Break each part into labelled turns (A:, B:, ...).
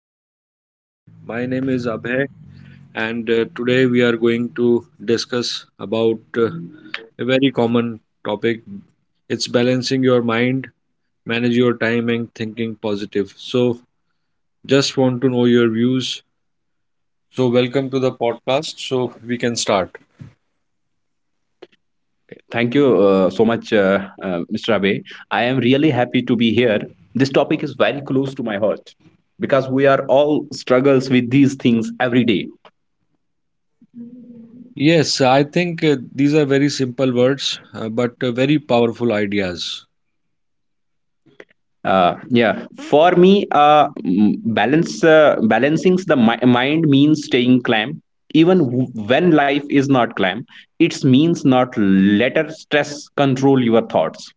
A: how you doing today? My name is Abhay, and today we are going to discuss about uh, a very common topic. It's balancing your mind, manage your time, and thinking positive. So, just want to know your views. So, welcome to the podcast. So, we can start.
B: Thank you so much, Mr. Abe. I am really happy to be here. This topic is very close to my heart because we are all struggles with these things every day.
A: Yes, I think these are very simple words, but very powerful ideas.
B: Yeah, for me, mm, balance balancing the mind means staying calm, even when life is not calm. It means not let stress control your thoughts.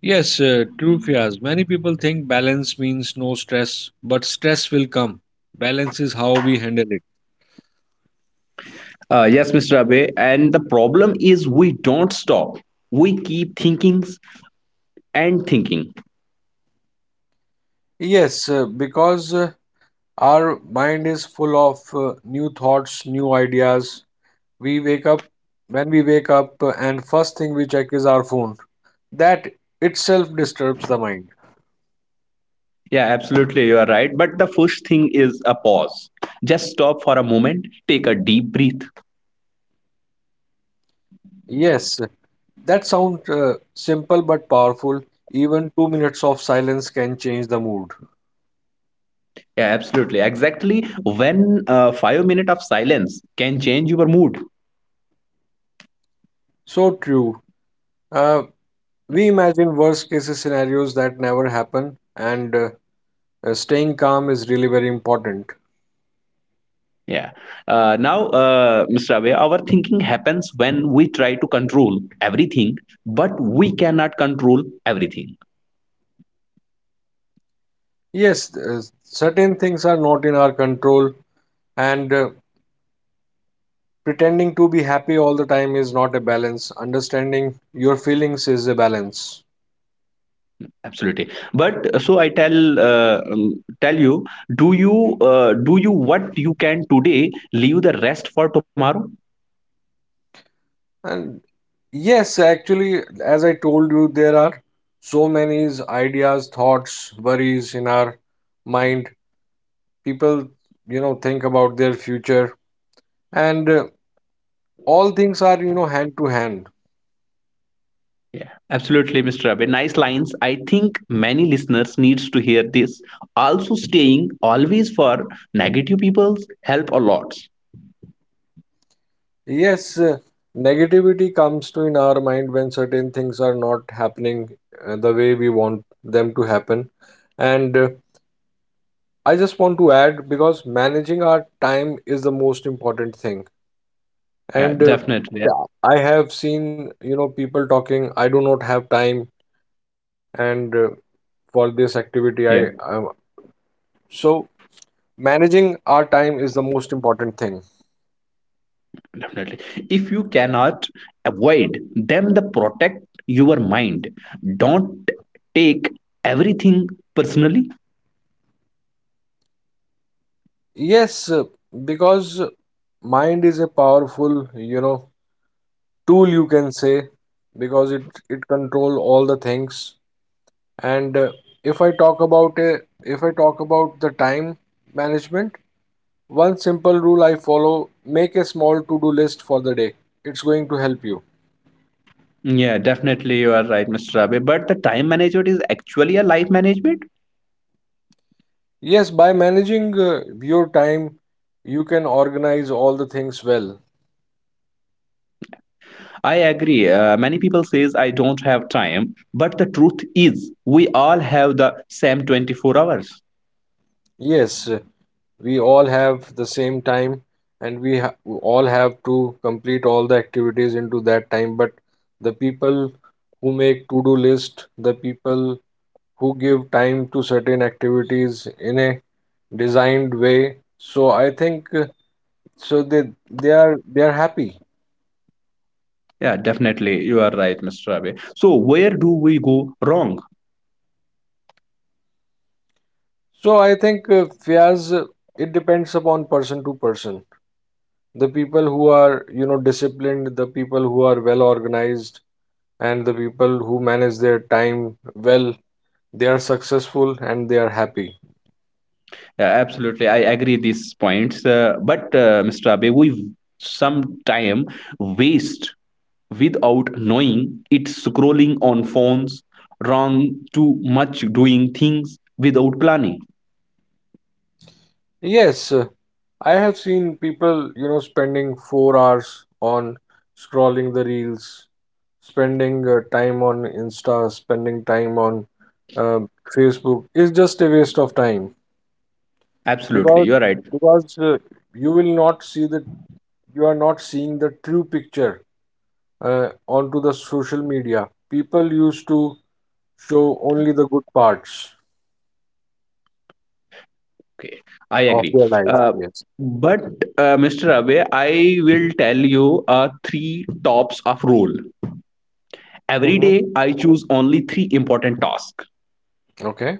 A: Yes, true, Fias. Many people think balance means no stress, but stress will come. Balance is how we handle it.
B: Yes, Mr. Abe. And the problem is we don't stop. We keep thinking and thinking.
A: Yes, because our mind is full of new thoughts, new ideas. We wake up When we wake up, and first thing we check is our phone. That itself disturbs the mind.
B: Yeah, absolutely. You are right. But the first thing is a pause. Just stop for a moment, take a deep breath.
A: Yes, that sounds simple but powerful. Even 2 minutes of silence can change the mood.
B: Yeah, absolutely. Exactly when 5 minutes of silence can change your mood.
A: So true. Uh, We imagine worst cases scenarios that never happen, and staying calm is really very important.
B: Yeah. Now, Mr. Abhay, our thinking happens when we try to control everything, but we cannot control everything.
A: Yes, certain things are not in our control, and pretending to be happy all the time is not a balance. Understanding your feelings is a balance.
B: Absolutely. But so I tell tell you, do you do you what you can today, leave the rest for tomorrow?
A: And yes, actually, as I told you, there are so many ideas, thoughts, worries in our mind. People, think about their future, and all things are, hand to hand.
B: Yeah, absolutely, Mr. Abe. Nice lines. I think many listeners needs to hear this. Also, staying always for negative people's help a lot.
A: Yes, negativity comes to in our mind when certain things are not happening the way we want them to happen. And I just want to add because managing our time is the most important thing.
B: Yeah,
A: And
B: definitely. Yeah,
A: yeah, I have seen, people talking, I do not have time and for this activity I
B: yeah,
A: so managing our time is the most important thing.
B: definitely. If you cannot avoid them, the protect your mind. Don't take everything personally.
A: Yes, because mind is a powerful, tool you can say because it control all the things, and if i talk about uh, if I talk about the time management, one simple rule I follow: make a small to do list for the day. It's going to help you.
B: Yeah, definitely, you are right, Mr. Abe. But the time management is actually a life management.
A: Yes, by managing your time you can organize all the things well.
B: I agree. Many people says I don't have time, but the truth is we all have the same 24 hours.
A: Yes, we all have the same time, and all have to complete all the activities into that time. But the people who make to do list, the people who give time to certain activities in a designed way, so I think so they are they are happy.
B: Yeah, definitely. You are right, Mr. Ravi. So where do we go wrong?
A: So I think Fiyaz, it depends upon person to person. The people who are disciplined, the people who are well organized, and the people who manage their time well, they are successful and they are happy.
B: Yeah, absolutely. I agree these points. But Mr. Ravi, we sometime waste without knowing it scrolling on phones, wrong too much doing things without planning.
A: Yes, I have seen people, spending 4 hours on scrolling the reels, spending time on Insta, spending time on uh, Facebook is just a waste of time.
B: Absolutely,
A: because
B: you're right.
A: because uh, you will not see the, you are not seeing the true picture uh, onto the social media. People used to show only the good parts
B: Okay, I
A: of
B: agree.
A: your life.
B: Uh,
A: Yes.
B: but Mr. Abe, I will tell you a three tops of rule. Every
A: Hmm.
B: day, I choose only three important tasks.
A: Okay.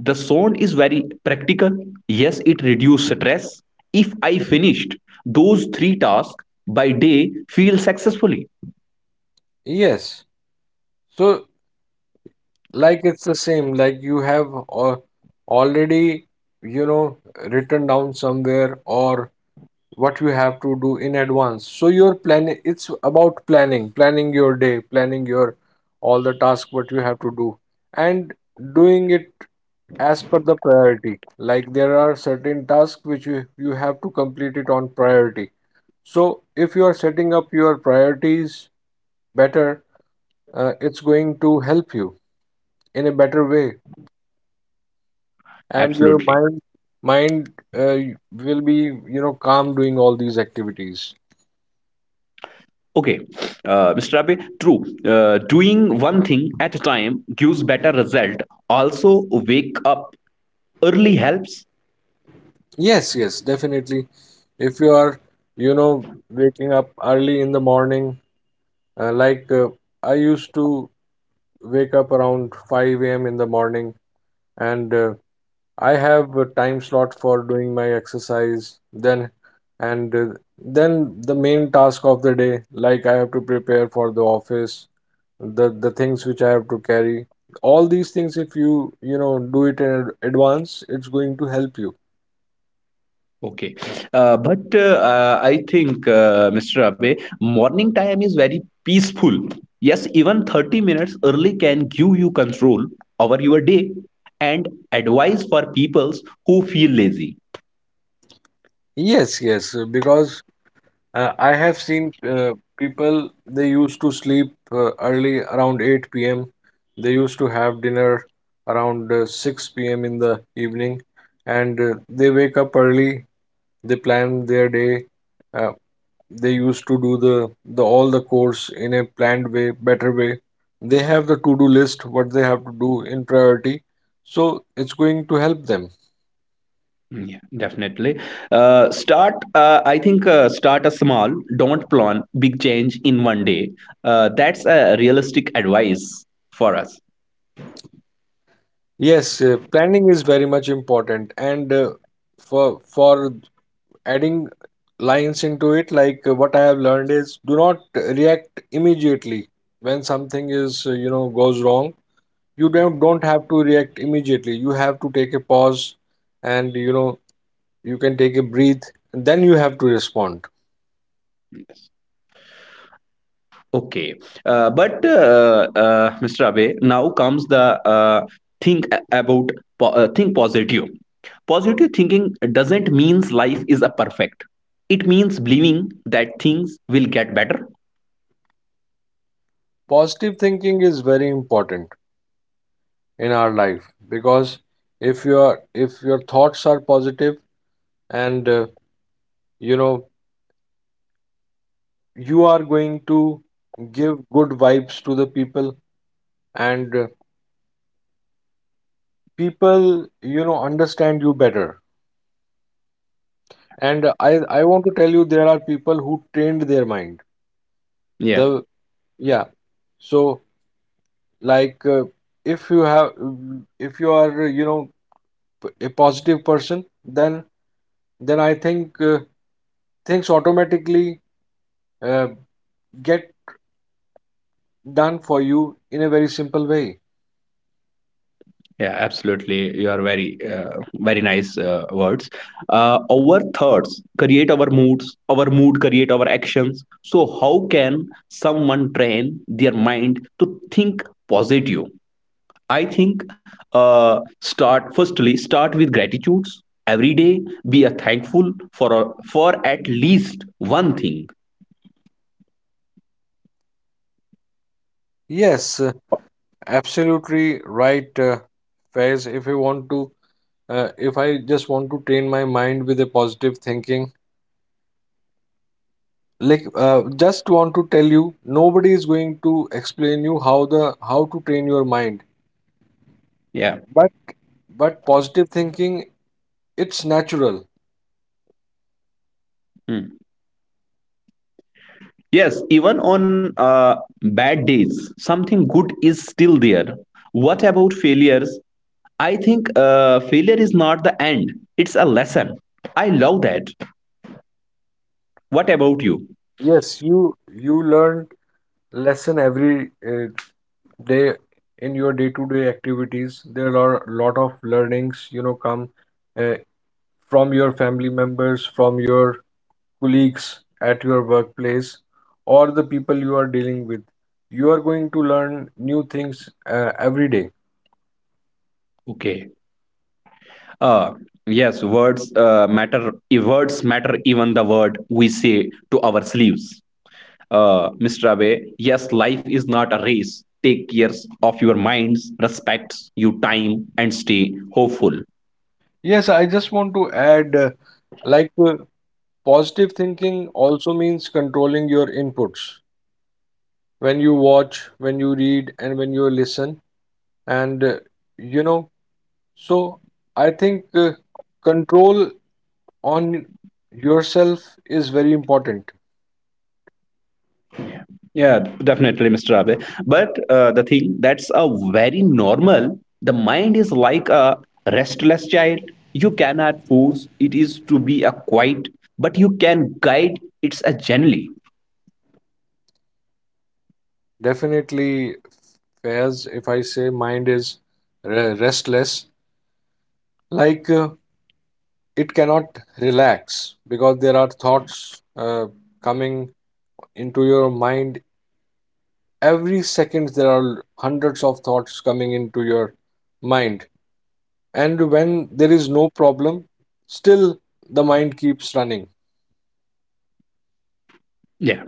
B: The zone is very practical. Yes, it reduces stress. If I finished those three tasks by day, feel successfully.
A: Yes. So, like, it's the same. Like, you have al- already, you know, written down somewhere or what you have to do in advance. So, your planning, it's about planning, planning your day, planning your all the tasks what you have to do, and doing it as per the priority. Like, there are certain tasks which you have to complete it on priority. So, if you are setting up your priorities better, it's going to help you in a better way, and your
B: Absolutely.
A: mind mind uh, will be, you know, calm doing all these activities.
B: Okay, Mr. Abe, true. Doing one thing at a time gives better result. Also, wake up early helps.
A: Yes, yes, definitely. If you are, you know, waking up early in the morning, uh, like uh, I used to wake up around 5 a.m in the morning, and I have a time slot for doing my exercise then, and then the main task of the day, like I have to prepare for the office, the things which I have to carry, all these things, if you, you know, do it in advance, it's going to help you.
B: Okay. But I think, Mr. Abe, morning time is very peaceful. Yes, even 30 minutes early can give you control over your day and advice for peoples who feel lazy.
A: Yes, yes, because I have seen people, they used to sleep early around 8 p.m, they used to have dinner around 6 p.m in the evening, and they wake up early, they plan their day, uh, they used to do the all the course in a planned way, better way. They have the to do list what they have to do in priority, so it's going to help them.
B: Mm, yeah, definitely. Start a small, don't plan big change in one day. That's a realistic advice for us.
A: Yes, planning is very much important, and for adding lines into it, like what I have learned is do not react immediately when something is, you know, goes wrong. You don't have to react immediately, you have to take a pause, and, you know, you can take a breath and then you have to respond.
B: Okay. But Mr. Abe, now comes the think a- about po- think positive. Positive thinking doesn't means life is a perfect. It means believing that things will get better.
A: Positive thinking is very important in our life, because if you are, if your thoughts are positive and, you know, you are going to give good vibes to the people, and people, you know, understand you better. And I want to tell you, there are people who trained their mind
B: Yeah,
A: the, yeah. So, like, if you have, if you are, you know, a positive person, then I think things automatically uh, get done for you in a very simple way.
B: yeah, absolutely. You are very, very nice words. Our thoughts create our moods. Our mood create our actions. So how can someone train their mind to think positive? I think start firstly start with gratitudes every day. Be a thankful for a, for at least one thing.
A: Yes, absolutely right, Faiz. If you want to, if I just want to train my mind with a positive thinking, like, just want to tell you nobody is going to explain you how the how to train your mind,
B: Yeah.
A: but but positive thinking, it's natural.
B: Hmm. Yes, even on bad days, something good is still there. What about failures? I think failure is not the end; it's a lesson. I love that. What about you?
A: Yes, you learn lesson every day. In your day-to-day activities, there are a lot of learnings, you know, come uh, from your family members, from your colleagues at your workplace, or the people you are dealing with. You are going to learn new things every day.
B: Okay. Uh, yes, words matter. Words matter. Even the word we say to our sleeves. Mr. Abe, yes, life is not a race. Take care of your minds, respects you time, and stay hopeful.
A: Yes, I just want to add, like uh, positive thinking also means controlling your inputs when you watch, when you read, and when you listen. And, you know, so I think control on yourself is very important.
B: Yeah, definitely, Mr. Abe. But The thing that's a very normal. The mind is like a restless child. You cannot force it is to be a quiet, but you can guide it's a gently.
A: Definitely, Faiz, if I say mind is restless, like, it cannot relax because there are thoughts coming into your mind. Every second, there are hundreds of thoughts coming into your mind. And when there is no problem, still the mind keeps running.
B: Yeah,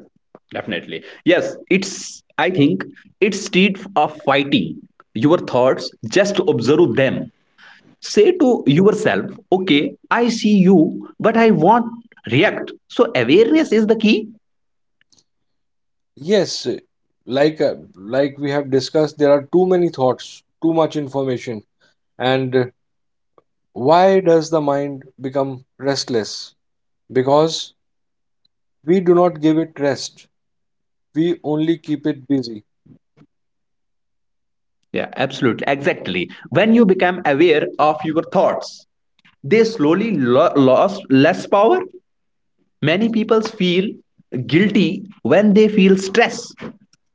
B: definitely. Yes, it's. I think it's state of fighting your thoughts. Just observe them, say to yourself, okay, I see you but I won't react. So awareness is the key.
A: Yes, like, like we have discussed, there are too many thoughts, too much information, and why does the mind become restless? Because we do not give it rest. We only keep it busy.
B: Yeah, absolutely. Exactly, when you become aware of your thoughts they slowly lost less power. Many people feel guilty when they feel stress.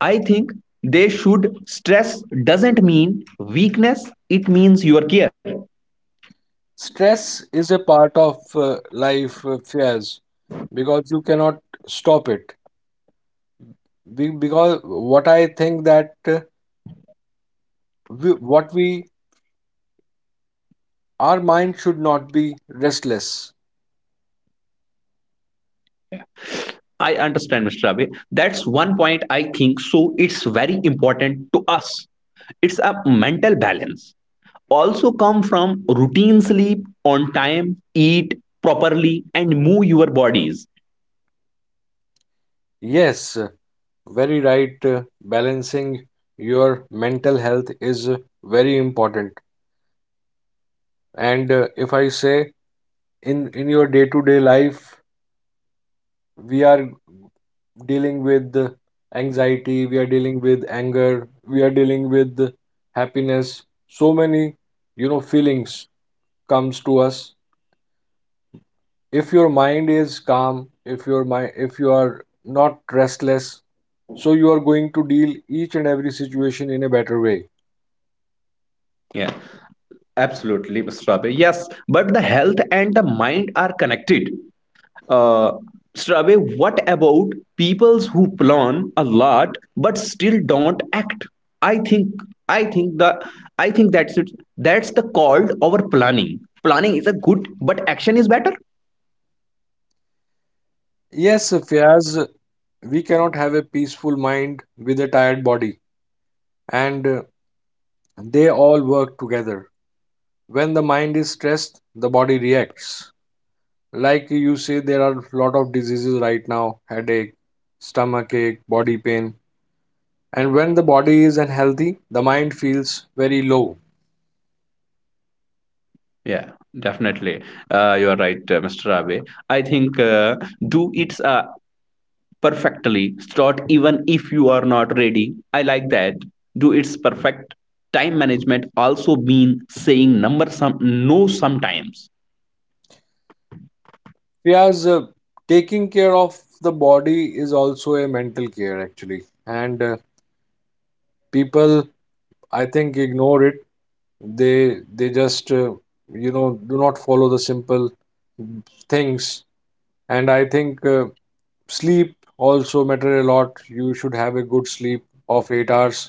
B: I think they should, stress doesn't mean weakness, it means your care.
A: Stress is a part of life, Fears, because you cannot stop it. We, because what I think that we, what we, our mind should not be restless.
B: I understand, Mr. Ravi. That's one point I think. So it's very important to us. It's a mental balance. Also come from routine sleep on time, eat properly, and move your bodies.
A: Yes, very right. Balancing your mental health is very important. And if I say in your day-to-day life, we are dealing with anxiety, we are dealing with anger, we are dealing with happiness. So many, you know, feelings comes to us. If your mind is calm, if your mind, if you are not restless, so you are going to deal each and every situation in a better way.
B: Yeah, absolutely, Mr. Ravi. Yes, but the health and the mind are connected. Uh, Strave, what about peoples who plan a lot but still don't act? I think I think the I think that's it. That's the called over planning. Planning is a good, but action is better.
A: Yes, Fiaz, we cannot have a peaceful mind with a tired body, and they all work together. When the mind is stressed, the body reacts. Like you say, there are a lot of diseases right now: headache, stomach ache, body pain. And when the body is unhealthy, the mind feels very low.
B: Yeah, definitely. You are right, Mr. Abe. I think do it perfectly. Start even if you are not ready. I like that. Do it's perfect. Time management also mean saying number some no sometimes.
A: Fiaz, taking care of the body is also a mental care, actually. And people, I think, ignore it. They just you know, do not follow the simple things. And I think sleep also matter a lot, you should have a good sleep of 8 hours.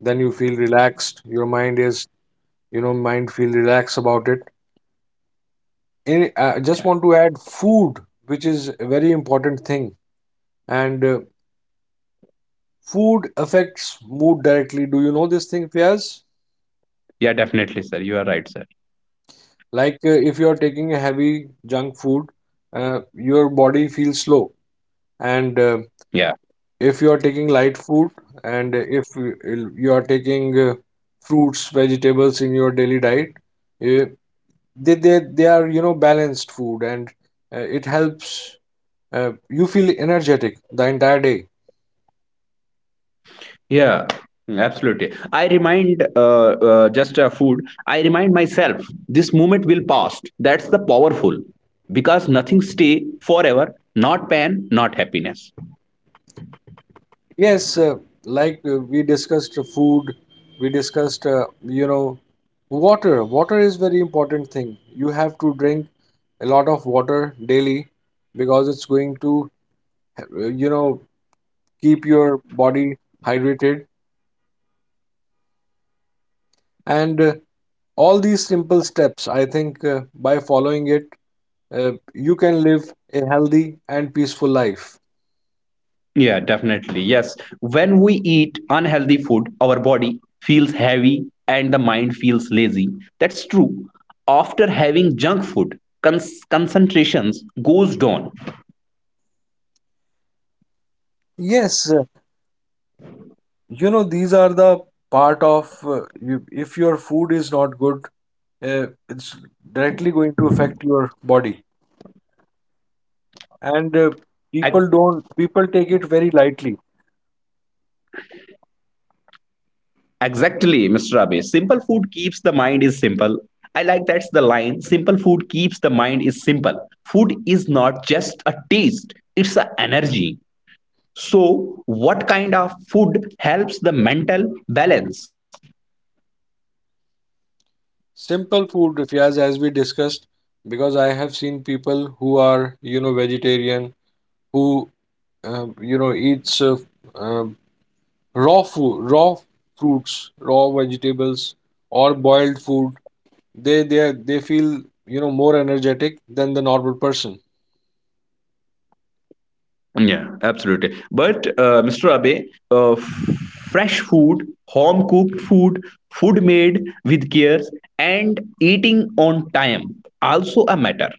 A: Then you feel relaxed, your mind is, you know, mind feel relaxed about it. I just
B: Yeah.
A: want to add food, which is a very important thing. And food affects mood directly, do you know this thing, Fiaz?
B: Yeah, definitely, sir. You are right, sir.
A: Like, if you are taking a heavy junk food, uh, your body feels slow. And
B: Yeah,
A: if you are taking light food, and if you, you are taking fruits vegetables in your daily diet, uh, they are, you know, balanced food. And it helps, you feel energetic the entire day.
B: yeah, absolutely. I remind just food. I remind myself this moment will pass. That's the powerful because nothing stay forever. Not pain, not happiness.
A: Yes, we discussed, food, we discussed, you know, water is very important thing. You have to drink a lot of water daily, because it's going to, you know, keep your body hydrated. And all these simple steps, I think by following it, you can live a healthy and peaceful life.
B: Yeah, definitely. Yes, when we eat unhealthy food, our body feels heavy and the mind feels lazy. That's true. After having junk food, concentrations goes down.
A: Yes, you know, these are the part of you, if your food is not good, it's directly going to affect your body. And people don't, people take it very lightly.
B: Exactly, Mr. Abe. Simple food keeps the mind is simple. I like that's the line. Simple food keeps the mind is simple. Food is not just a taste, it's an energy. So, what kind of food helps the mental balance?
A: Simple food, if as as we discussed, because I have seen people who are, you know, vegetarian, who you know, eats uh, raw food, raw fruits, raw vegetables, or boiled food, they feel, you know, more energetic than the normal person.
B: Yeah, absolutely. But, Mr. Abe, uh, f- fresh food, home cooked food, food made with care, and eating on time also a matter.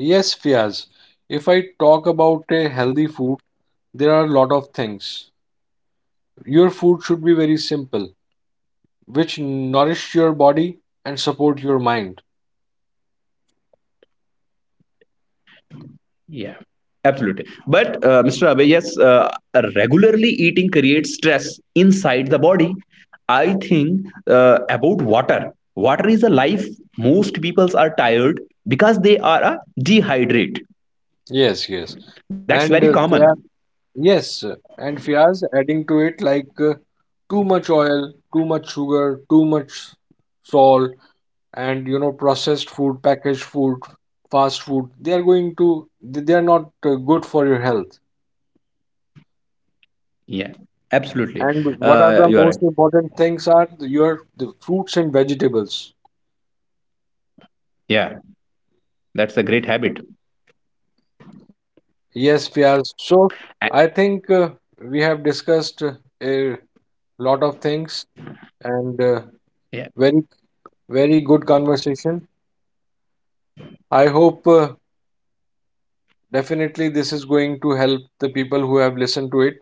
A: Yes, Fiaz. If I talk about a healthy food, there are a lot of things. Your food should be very simple, which nourish your body and support your mind.
B: Yeah, absolutely. But Mr. Abe, yes, regularly eating creates stress inside the body. I think about water. Water is a life. Most peoples are tired because they are a dehydrate.
A: Yes, yes.
B: That's very
A: And
B: common.
A: yes, and Fiaz, adding to it, like, too much oil, too much sugar, too much salt, and, you know, processed food, packaged food, fast food, they are going to, they are not good for your health.
B: Yeah, absolutely.
A: And what are the
B: You are right.
A: most important things are your the fruits and vegetables.
B: Yeah, that's a great habit.
A: Yes, Fiaz. So
B: A-
A: I think we have discussed a lot of things, and
B: yeah,
A: very very good conversation, I hope. Definitely, this is going to help the people who have listened to it.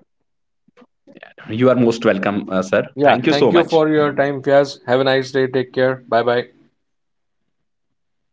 B: you are most welcome, sir. Thank you so much.
A: Yeah. Thank you for your time, Fiaz. Have a nice day. Take care. Bye bye.
B: Bye bye, sir.